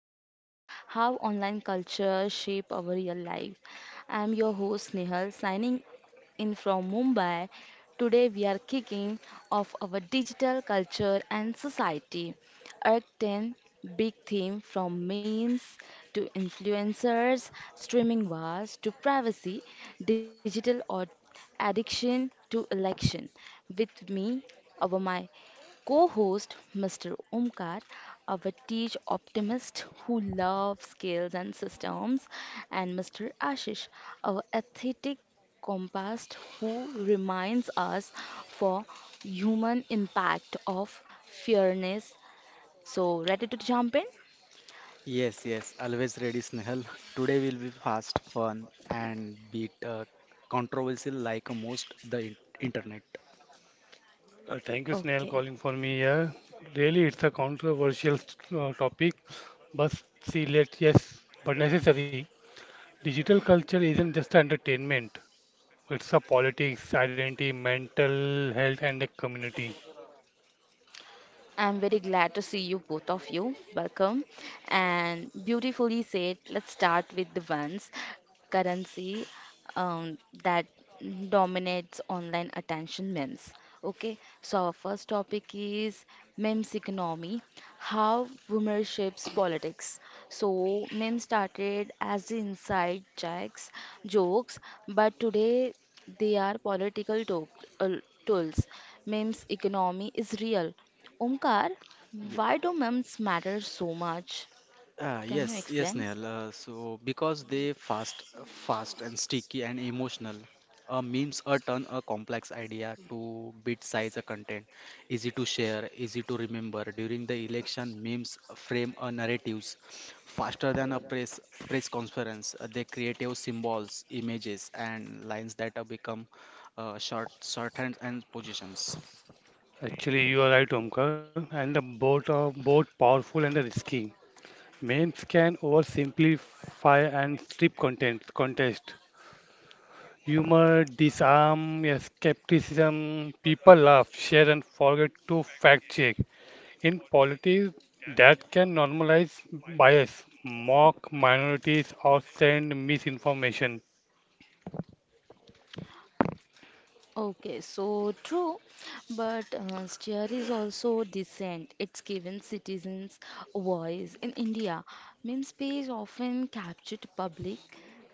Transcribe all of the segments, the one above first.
decode how online culture shape our real life. I'm your host Nihal, signing in from Mumbai. Today we are kicking off our digital culture and society. Arc 10 big theme from memes to influencers, streaming wars to privacy, digital or addiction to election. With me, over my co host, Mr. Omkar, our teach optimist who loves scales and systems, and Mr. Ashish, our aesthetic compass who reminds us for human impact of fairness. So, ready to jump in? Yes, yes, always ready, Snehal. Today will be fast, fun, and bit controversial like most the internet. Thank you, Snail, calling Okay. for me here. Really, it's a controversial topic, but see, let yes, but necessary. Digital culture isn't just entertainment. It's a politics, identity, mental health, and a community. I'm very glad to see you, both of you. Welcome. And beautifully said, let's start with the ones currency um, that dominates online attention memes. Okay, so our first topic is memes economy how rumor shapes politics. So, memes started as inside jokes, but today they are political uh, tools. Memes economy is real Omkar, why do memes matter so much? Can you Yes, explain? Nehal, so because they fast and sticky and emotional. Memes turn a complex idea to bit-size content, easy to share, easy to remember. During the election, memes frame a narratives faster than a press conference. They creative symbols, images, and lines that become shorthands and positions. Actually, you are right, Omkar, and the both are both powerful and risky. Memes can oversimplify and strip content contest. Humor, disarm, yeah, skepticism. People laugh, share, and forget to fact check. In politics, that can normalize bias, mock minorities, or send misinformation. Okay, so true, but steer is also decent. It's given citizens a voice in India. Meme space often captured public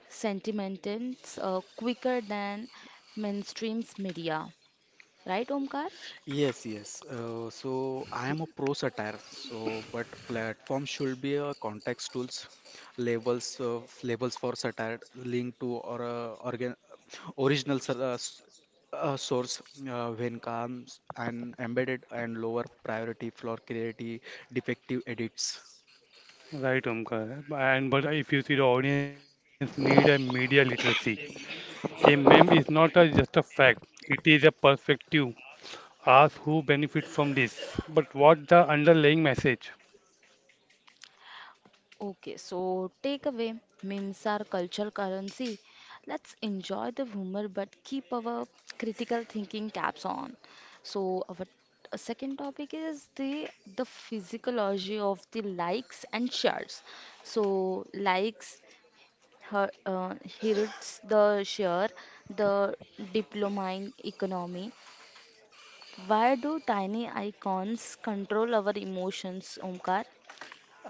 sentiments quicker than mainstream's media. Right, Omkar? Yes. So I am a pro satire. So, but platform should be a context tools, labels, labels for satire, link to or organ original source when comes and embedded and lower priority for creative defective edits. Right, Omkar. And but if you see the audience need a media literacy. A meme is not a, just a fact, it is a perspective. Ask who benefit from this, but what the underlying message? Okay, so takeaway memes are cultural currency. Let's enjoy the humor but keep our critical thinking caps on. So our second topic is the physiology of the likes and shares. So likes her, uh, hurts the share, the dopamine economy. Why do tiny icons control our emotions, Omkar?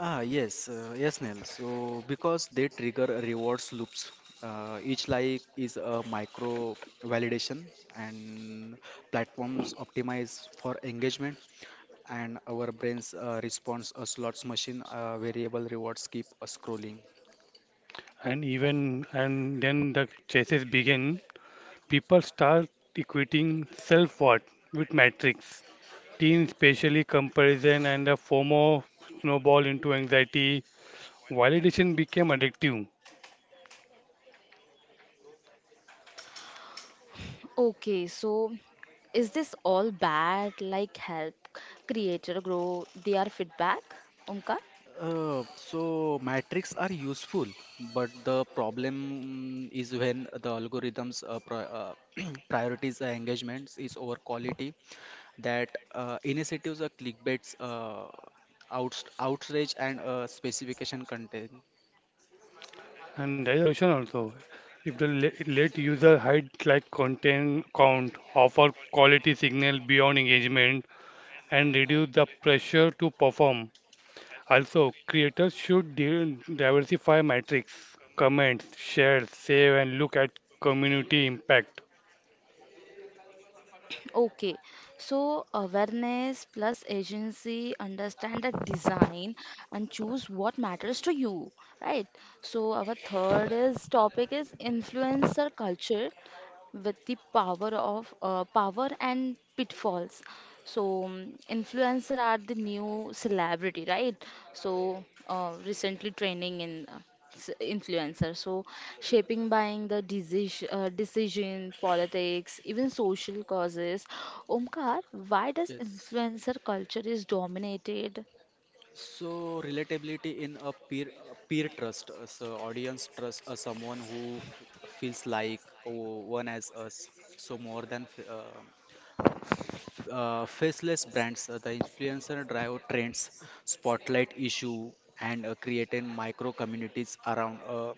Ah, yes, yes, Neil. So, because they trigger rewards loops. Uh, each like is a micro validation, and platforms optimize for engagement, and our brains responds a slots machine variable rewards keep scrolling. And even and then the chases begin. People start equating self-worth with metrics. Teen spatially comparison and a FOMO snowball into anxiety. Validation became addictive, Okay, so is this all bad? Like help creator grow their feedback? Omkar? So metrics are useful, but the problem is when the algorithms pri priorities engagements is over quality that initiatives are clickbaits, outs outrage, and specification content. and there is a solution also. If the le- let user hide like content count, offer quality signal beyond engagement, and reduce the pressure to perform. Also, creators should diversify metrics, comments, share, save, and look at community impact. Okay, so awareness plus agency, understand the design and choose what matters to you, right? So our third is topic is influencer culture with the power of power and pitfalls. So influencer are the new celebrity, right? So recently training in influencer, so shaping buying the decision, politics, even social causes. Omkar, why does Yes. influencer culture is dominated? So relatability in a peer trust. Uh, so audience trust someone who f feels like oh, one as us. So more than faceless brands. Uh, the influencer drive trends, spotlight issue, and creating micro communities around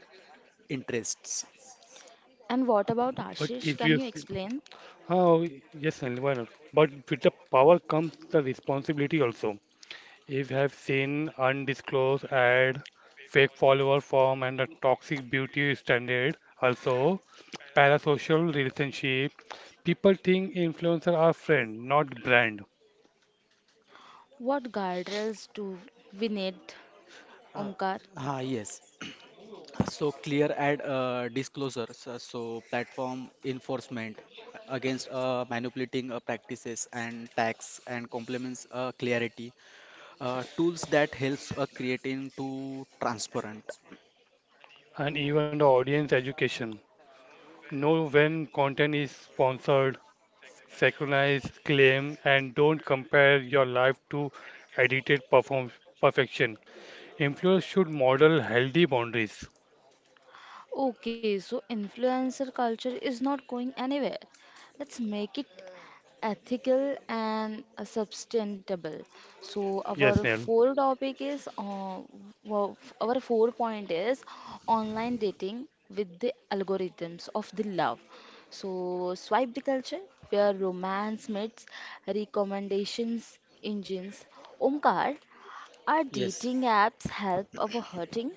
interests. And what But about if you. Ashish? Can you explain Oh, yes, and why not? But with the power comes the responsibility also. If you have seen undisclosed ad, fake follower form, and a toxic beauty standard, also parasocial relationship, people think influencers are friend, not brand, what guardrails do we need, Uh, Omkar? ah yes, So clear ad disclosures. Uh, so platform enforcement against manipulating practices and tax and complements clarity, tools that helps creating to transparent. and even the audience education. Know when content is sponsored, synchronized, claim, and don't compare your life to edited perform perfection. Employers should model healthy boundaries. Okay, so influencer culture is not going anywhere. Let's make it ethical and sustainable. So Yes, our Neil. four topic is our four point is online dating with the algorithms of the love. So swipe the culture where romance meets recommendations engines. Omkar, are Yes, dating apps help our hurting?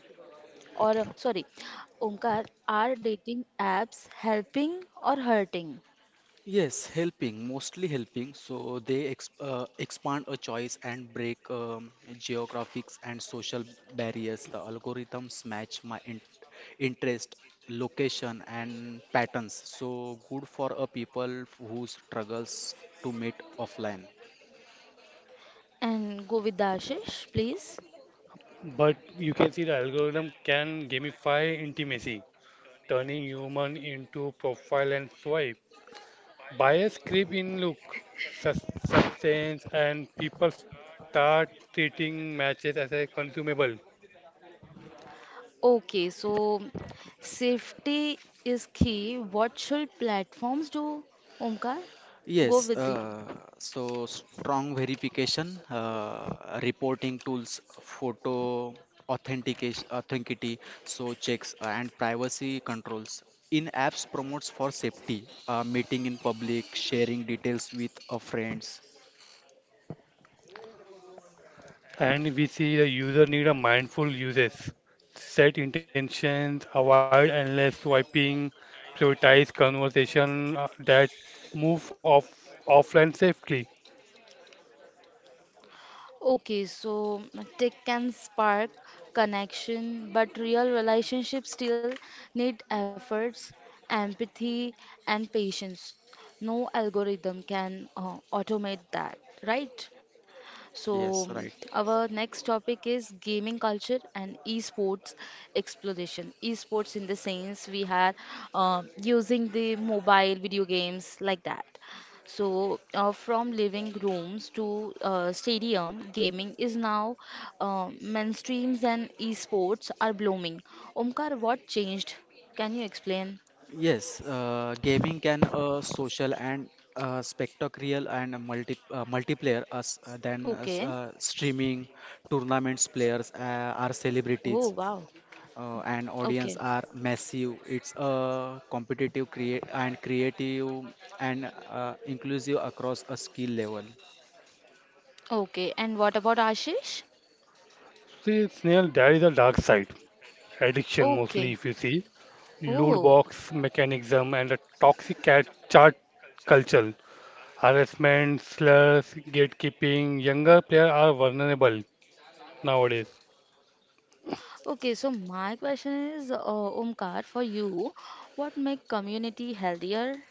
Or sorry, Omkar, are dating apps helping or hurting? Yes, helping, mostly helping. So they ex expand a choice and break geographics and social barriers. The algorithms match my in interest, location, and patterns. So good for a people who struggles to meet offline. And go with the Ashish, please. But you can see the algorithm can gamify intimacy, turning human into profile and swipe. Bias creep in look, substance, and people start treating matches as a consumable. Okay, so safety is key. What should platforms do? Omkar, go Yes, with you. uh, so strong verification, reporting tools, photo authenticity, so checks and privacy controls. In apps promotes for safety, meeting in public, sharing details with friends. And we see the user need a mindful uses. Set intentions, avoid endless swiping, prioritize conversation that move off offline safely. Okay, so tech can spark connection, but real relationships still need efforts, empathy, and patience. No algorithm can automate that, right? So, Yes, right. our next topic is gaming culture and esports exploration. Esports, in the sense, we are using the mobile video games like that. So, from living rooms to stadium, gaming is now mainstreams and esports are blooming. Omkar, what changed? Can you explain? Yes, gaming can social and spectacular and multiplayer Okay. Streaming tournaments players are Oh, celebrities wow. And audience Okay. are massive. It's a competitive create and creative and inclusive across a skill level. Okay. And what about Ashish? See, Snail, there is a dark side. Addiction mostly, Okay. if you see. Loot Oh. box mechanism and a toxic cat chart culture. Harassment, slurs, gatekeeping. Younger players are vulnerable nowadays. Okay. So, my question is, Omkar, for you, what make community healthier?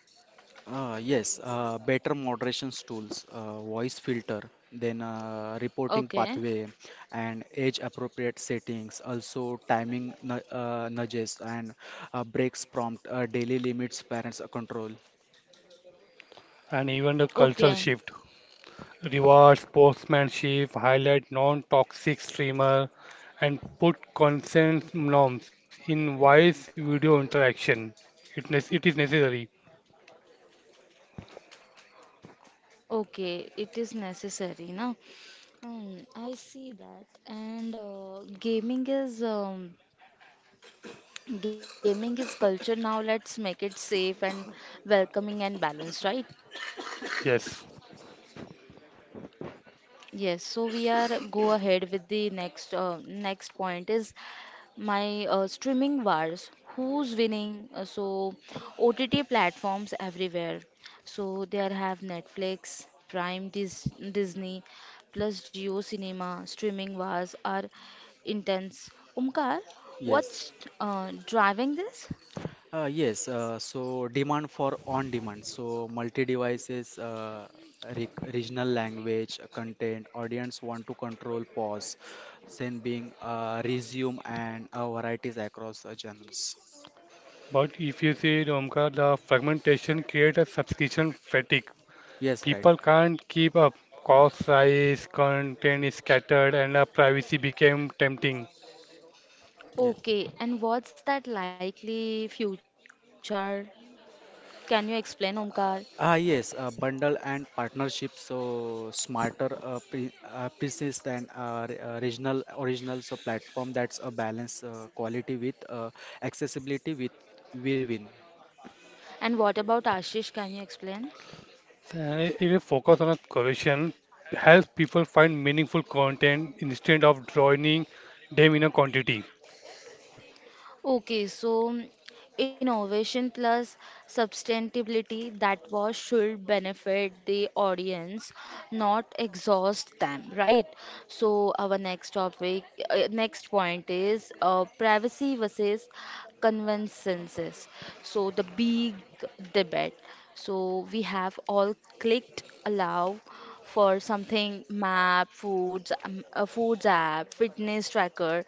Yes, better moderation tools, voice filter, then reporting Okay. pathway, and age appropriate settings. Also, timing nudges and breaks prompt, daily limits, parents control. And even the cultural Okay. shift. Reward, sportsmanship, highlight non-toxic streamer and put consent norms in wise video interaction. It is necessary. Okay. It is necessary, na? I see that. And gaming is culture now. Let's make it safe and welcoming and balanced, right? Yes. Yes, so we are go ahead with the next next point is my streaming wars. Who's winning? So OTT platforms everywhere. So there have Netflix, Prime, Disney, plus Geo Cinema. Streaming wars are intense. Umkar, Yes. what's driving this? Yes, so demand for on-demand, so multi-devices, re regional language, content, audience want to control pause, then being resume and varieties across genres. But if you see the Omkar, the fragmentation creates a subscription fatigue. Yes, right. People can't keep up. Cost rise, content is scattered, and privacy became tempting. Yeah. Okay, and what's that likely future? Can you explain, Omkar? Ah, yes, bundle and partnership, so smarter pre pieces than regional original, so platform that's a balance quality with accessibility with will win. And what about Ashish? Can you explain? And if you focus on a correlation, helps people find meaningful content instead of drowning them in a quantity. Okay, so innovation plus sustainability that was should benefit the audience, not exhaust them, right? So our next topic, next point is privacy versus conveniences. So the big debate. So we have all clicked allow for something map, foods, a foods app, fitness tracker,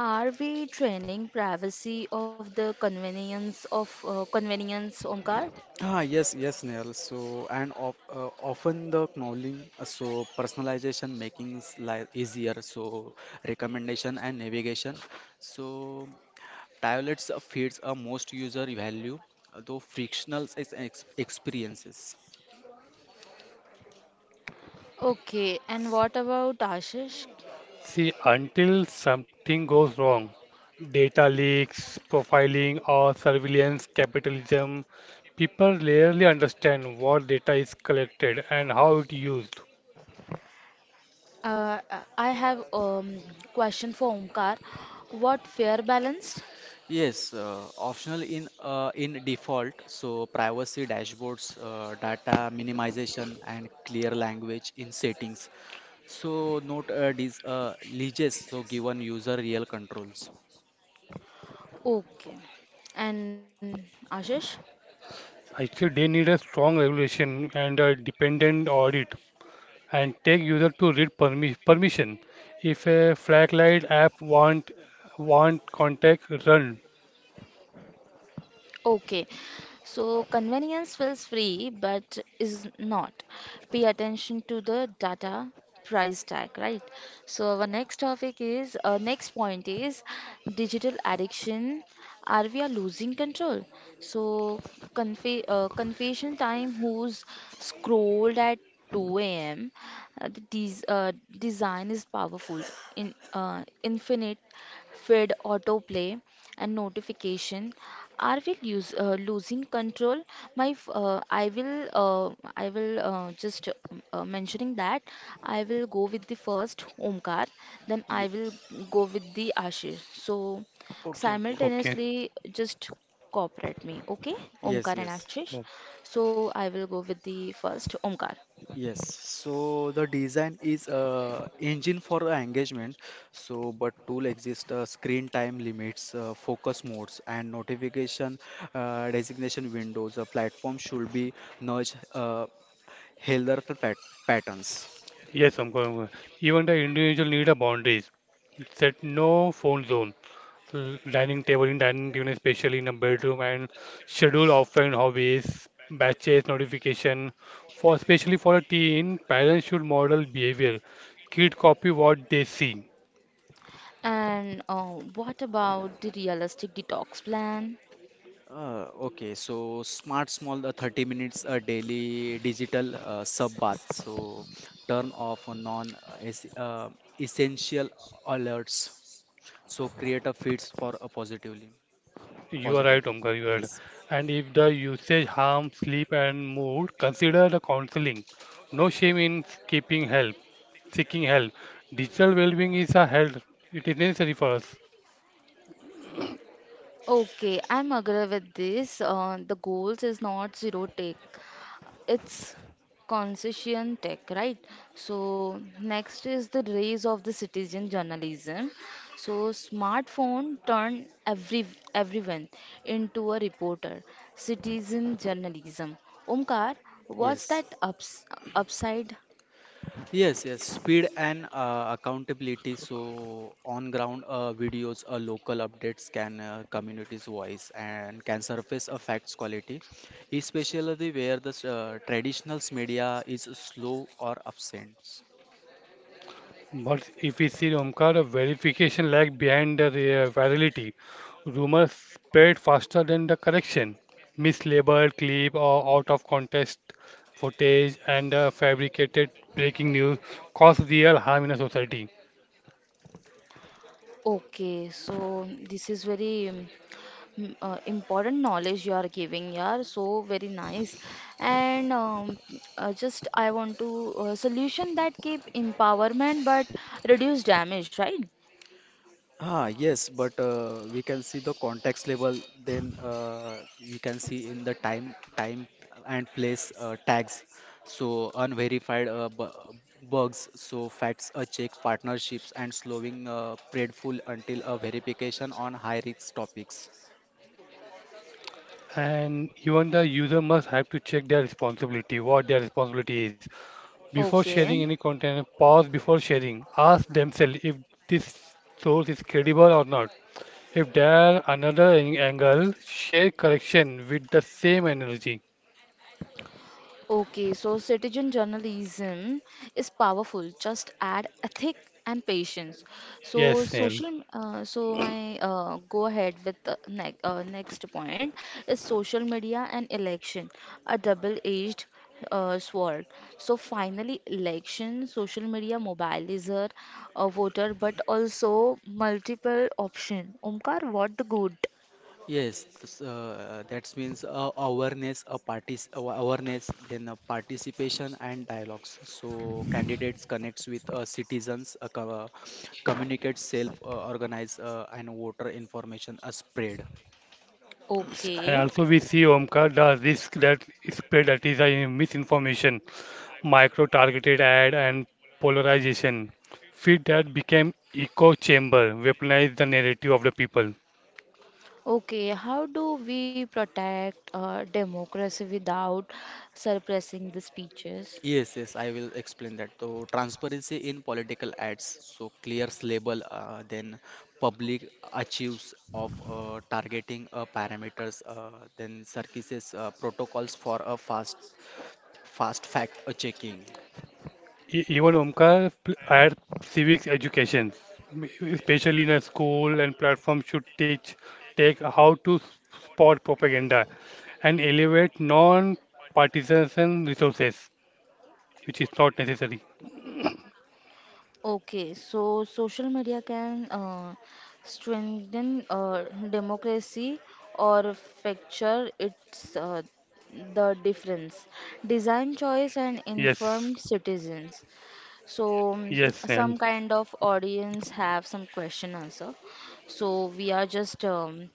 are we training privacy of the convenience of convenience, Omkar? Ah, yes, yes, Neil. So, and of, often the knowledge, personalization making life easier. So, recommendation and navigation. So, tablets feeds a most user value, though frictional is ex experiences. Okay, and what about Ashish? See, until something goes wrong, data leaks, profiling, or surveillance capitalism, people rarely understand what data is collected and how it used. I have question for Omkar. What fair balance? Yes, optional in default. So, privacy dashboards, data minimization, and clear language in settings. So, note these leases. So, given user real controls. Okay, and Ashish? Actually, they need a strong regulation and a dependent audit and take user to read permission. If a flaglight app want contact, run. Okay, so convenience feels free but is not. Pay attention to the data price tag, right? So our next topic is next point is digital addiction. Are we are losing control? So confession time who's scrolled at 2 a.m. The design is powerful in infinite feed, autoplay, and notification. Are we losing control? I will just mentioning that I will go with the first Omkar, then I Ye- will go with the Ashish. So Okay, okay. Okay. simultaneously, just cooperate me, okay? Yes, Omkar and yes, Ashish. Oh, So I will go with the first Omkar. yes. So the design is engine for engagement. So, but tool exist screen time limits, focus modes, and notification designation windows. A platform should be nudge healthier patterns. yes, I'm going. Even the individual need a boundaries. Set no phone zone l- dining table in dining table, especially in a bedroom, and schedule offline hobbies, batches, notification. For especially for a teen, parents should model behavior. Kid copy what they see. And what about the realistic detox plan? Okay, so smart small 30 minutes a daily digital sub bath. So turn off essential alerts. So create a feeds for a positively You are right, positivity. Omkar, you are right. Yes, And if the usage harms sleep and mood, consider the counseling. No shame in seeking help. Seeking help. Digital well-being is a health. It is necessary for us. Okay, I'm agree with this. The goals is not zero take, it's concession tech, right? So next is the rise of the citizen journalism. So smartphone turn everyone into a reporter. Citizen journalism. Omkar, what's yes, that upside? yes, yes. Speed and accountability. So on ground videos, local updates can community's voice and can surface a facts quality, especially where the traditional media is slow or absent. But if we see Omkar, verification lag behind the virality. Rumors spread faster than the correction. Mislabeled clip or out of context footage and fabricated breaking news cause real harm in a society. Okay, so this is very important knowledge you are giving, yeah, so very nice and just I want to solution that keep empowerment but reduce damage, right? Ah, yes, but we can see the context level, then we can see in the time and place tags. So unverified bu bugs, so facts a check partnerships and slowing predful until a verification on high risk topics. And even the user must have to check their responsibility, what their responsibility is. Before sharing any Okay. content, pause before sharing. Ask themselves if this source is credible or not. If there are another angle, share correction with the same energy. Okay, so citizen journalism is powerful. Just add ethic and patience. So Yes, Snehal. social, so my go ahead with the ne next point is social media and election, a double-edged sword. So finally, election, social media mobilizer a voter, but also multiple option. Omkar, what the good? Yes, this, that means awareness, a awareness, then participation and dialogues. So candidates connects with citizens, communicate, self organize, and voter information are spread. And Okay. also we see Omkar the risk that is spread that is a misinformation, micro-targeted ad and polarization. Feed that became echo chamber, weaponize the narrative of the people. Okay, how do we protect democracy without suppressing the speeches? Yes, I will explain that. So transparency in political ads. So clears label, then public achieves of targeting parameters, then circuses protocols for a fast fact checking. Even Omkar, our civics education, especially in a school and platform, should teach take how to spot propaganda and elevate non-partisan resources, which is not necessary. Okay, so social media can strengthen democracy or fracture its the difference. Design choice and Yes, informed citizens. So yes, Snail. some kind of audience have some question answer. So we are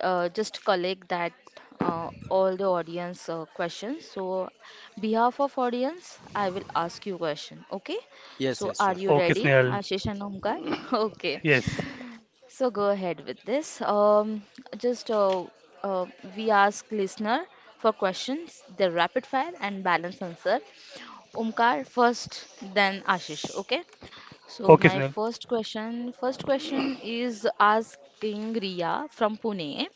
just collect that all the audience questions. So behalf of audience, I will ask you question. Okay. Yes, So yes, are sure. you Okay, ready, Snail. Ashish and Omkar? Okay. Yes, So go ahead with this. Just uh, we ask listener for questions, the rapid fire and balance answer. Omkar first, then Ashish. Okay. So okay, my Snail. first question, first question is asking Riya from Pune.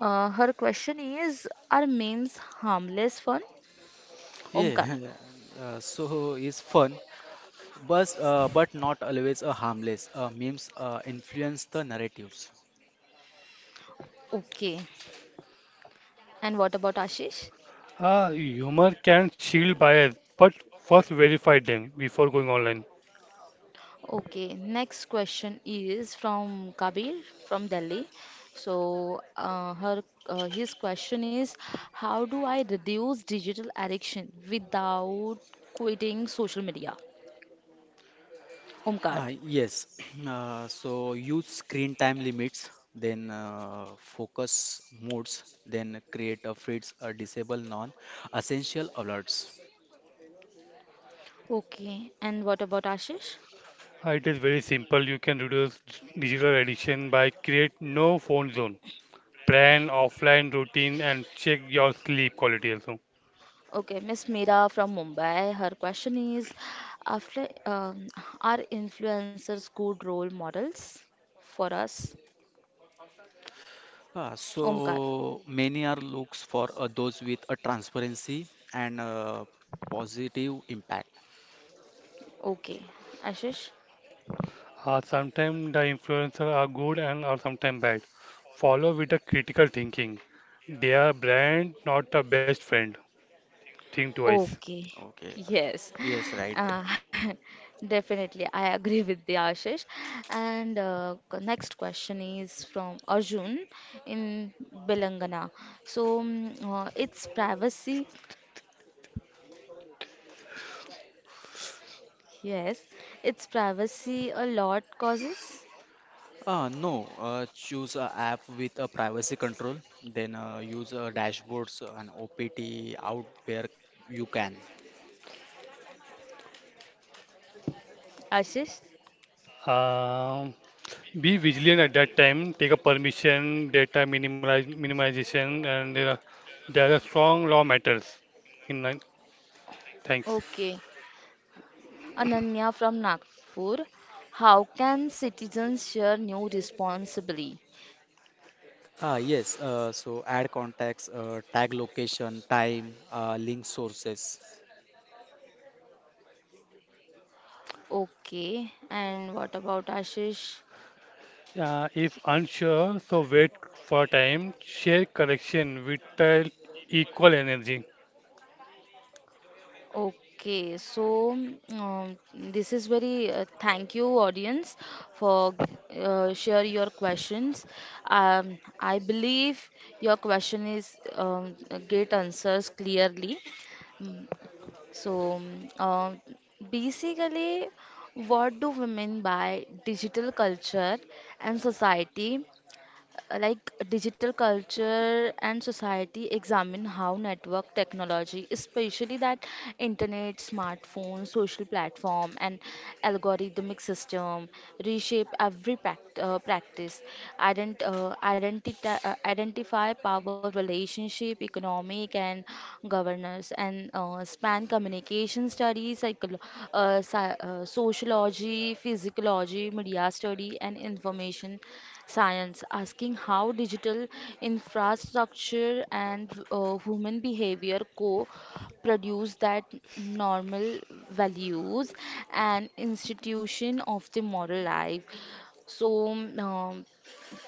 Her question is, are memes harmless fun? Yeah, Omkar. So is fun, but not always a harmless. Memes influence the narratives. Okay. And what about Ashish? Humor can shield bias, but first verify them before going online. Okay, next question is from Kabir from Delhi. So, her his question is, how do I reduce digital addiction without quitting social media? Omkar. Uh, yes, use screen time limits, then focus modes, then create a fritz or disable non-essential alerts. Okay, and what about Ashish? It is very simple. You can reduce digital addiction by create no phone zone plan offline routine and check your sleep quality also. Okay, Miss Meera from Mumbai. Her question is, after are influencers good role models for us? Uh, Omkar. so many are looks for those with a transparency and positive impact. Okay, Ashish? Sometimes the influencers are good and are sometimes bad. Follow with a critical thinking. They are brand, not a best friend. Think twice. Okay, Okay. yes, Yes, right. uh, definitely. I agree with the Ashish. And next question is from Arjun in Belangana. So it's privacy. Yes, it's privacy a lot causes. No, choose a app with a privacy control, then use dashboards and OPT out where you can. Ashish, Um, be vigilant at that time. Take a permission, data minimization, and there are strong law matters. In line, thanks. okay. Ananya from Nagpur, how can citizens share new responsibly? Ah, yes, so add contacts, tag location, time, link sources. Okay, and what about Ashish? If unsure, so wait for time. Share correction with equal energy. Okay, so this is very thank you audience for share your questions. I believe your question is get answers clearly. Mm, So, mm, uh, basically, what do women buy digital culture and society? Like digital culture and society examine how network technology especially that internet smartphone social platform and algorithmic system reshape every practice identify power relationship economic and governance and span communication studies sociology physiology media study and information Science, asking how digital infrastructure and human behavior co produce that normal values and institution of the moral life. So, um,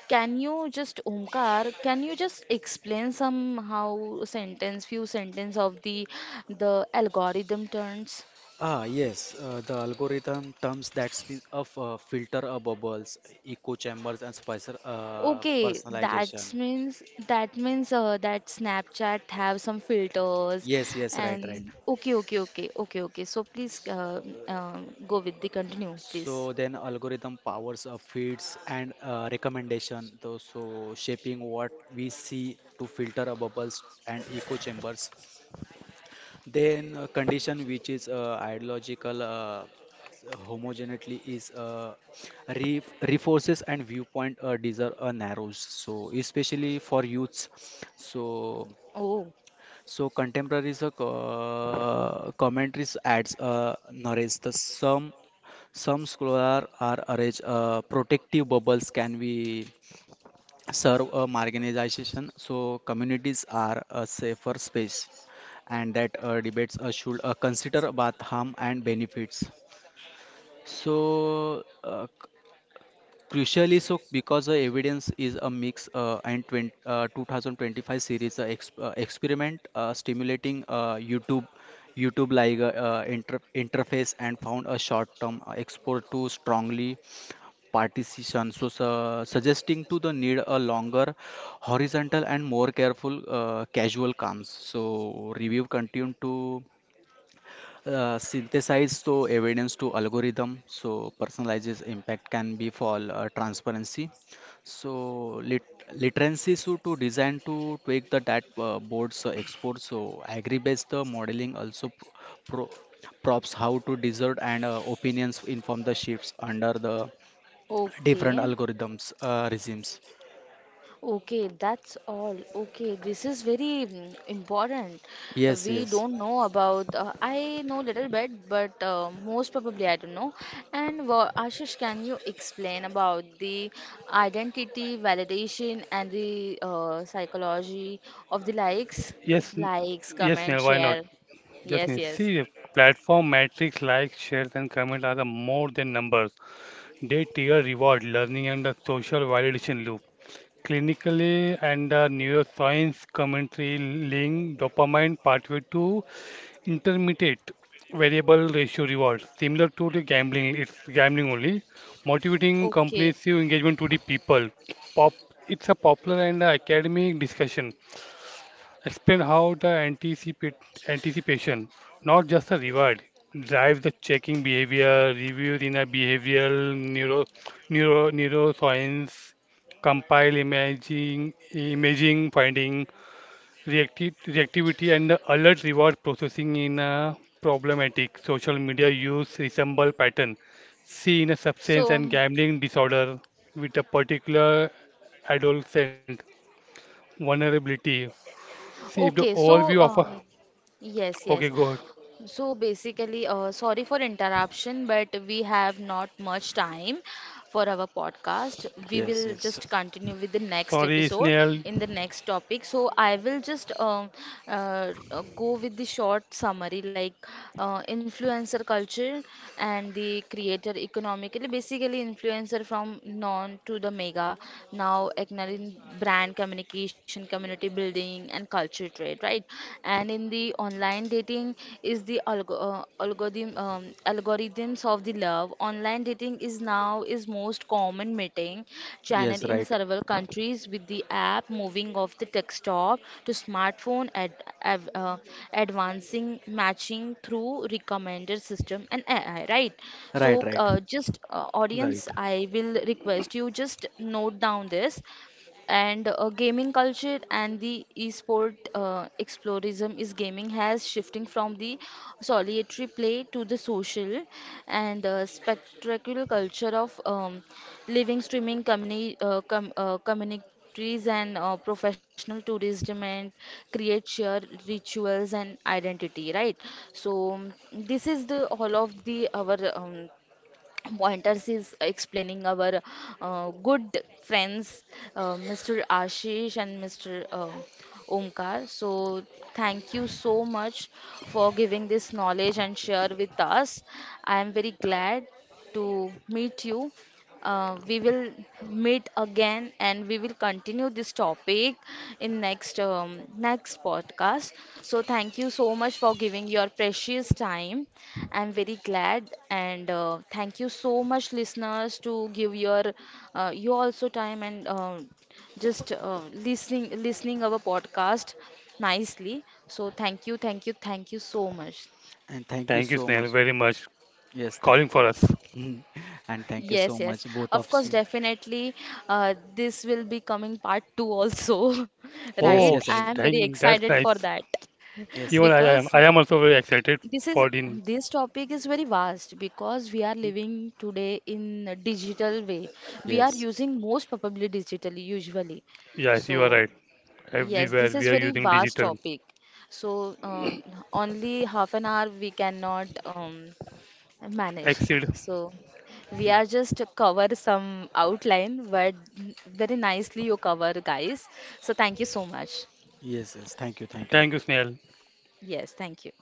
can you just, Omkar, can you just explain somehow sentence, few sentence of the algorithm turns? Ah, yes, the algorithm terms that speaks of filter bubbles, echo chambers, and spicer Okay, personalization. that means that Snapchat have some filters Yes, yes, right, right. and okay, okay, okay, okay, okay. So please uh, go with the continue, please. So then algorithm powers up feeds and recommendation, though, so shaping what we see to filter our bubbles and echo chambers. Then condition which is ideological homogeneity is re reinforces and viewpoint desire narrows. So especially for youths. So Oh, so contemporary commentaries adds narrates the some scholars are arranged protective bubbles can be serve a marginalization so communities are a safer space and that debates should consider both harm and benefits so crucially, so because the evidence is a mix and 2025 series ex experiment stimulating YouTube like interface and found a short-term export to strongly partition, so su suggesting to the need a longer horizontal and more careful casual comms. So review continued to synthesize so evidence to algorithm so personalizes impact can be for transparency so literacy so to design to tweak the that boards export so agree based the modeling also pro props how to desert and opinions inform the shifts under the different okay. algorithms regimes. Okay, that's all. Okay, this is very important. Yes, We yes, don't know about. I know little bit, but most probably I don't know. And Ashish, can you explain about the identity validation and the psychology of the likes? Yes, n- Likes, yes, Neil, comment, why not? share. Yes, Neil. Yes, See, yes. if platform metrics like shares and comments are the more than numbers. They trigger reward, learning, and a social validation loop. Clinically and the neuroscience commentary link dopamine pathway to intermediate variable ratio rewards, similar to the gambling. It's gambling only, motivating Okay. compulsive engagement to the people. Pop, it's a popular and academic discussion. Explain how the anticipation, not just the reward, drives the checking behavior, reviews in a behavioral neuroscience, imaging finding, reactivity, and the alert reward processing in a problematic social media use resemble pattern. See in a substance So. and mm, gambling disorder with a particular adolescent vulnerability. See if the Okay, overview so of a. Yes, Okay, yes. good. So basically, sorry for interruption, but we have not much time for our podcast. We yes, will yes, just continue with the next Sorry, episode Snail. in the next topic. So I will just go with the short summary like influencer culture and the creator economically. Basically, influencer from non to the mega now ignoring brand communication, community building, and culture industry trade, right? And in the online dating is the algorithms of the love. Online dating is now is most common meeting yes, channel in right, several countries with the app moving off the desktop to smartphone av- uh, advancing matching through recommender system and AI, right? right, So right, just Right. audience, I will request you just note down this and gaming culture and the esport explorism is gaming has shifting from the solitary play to the social and spectacular culture of living streaming communities and professional tourism and create shared rituals and identity, right? So this is the all of the our pointers is explaining our good friends Mr. Ashish and Mr. uh, Omkar. So thank you so much for giving this knowledge and share with us. I am very glad to meet you. We will meet again and we will continue this topic in next podcast. So thank you so much for giving your precious time. I'm very glad and thank you so much, listeners, to give your you also time and just listening our podcast nicely. So thank you, thank you, thank you so much. and thank you Thank you, so Snail, much. very much Yes calling for us. Thank, and thank you Yes, so yes. much, both Of of course, you. definitely. This will be coming part two also, Yes, right? Oh, yes, I'm very dang, excited that's for nice. that yes, Even because I am also very excited for the. this topic is very vast because we are living today in a digital way. We are yes, using most probably digitally usually. Yes, you are So right. yes, Everywhere this we is are very using vast digital. topic. So only half an hour we cannot manage. Exceed. So we are just cover some outline, but very nicely you cover guys. So thank you so much. yes, yes. Thank you, thank you. Thank you, Snail. Yes, thank you.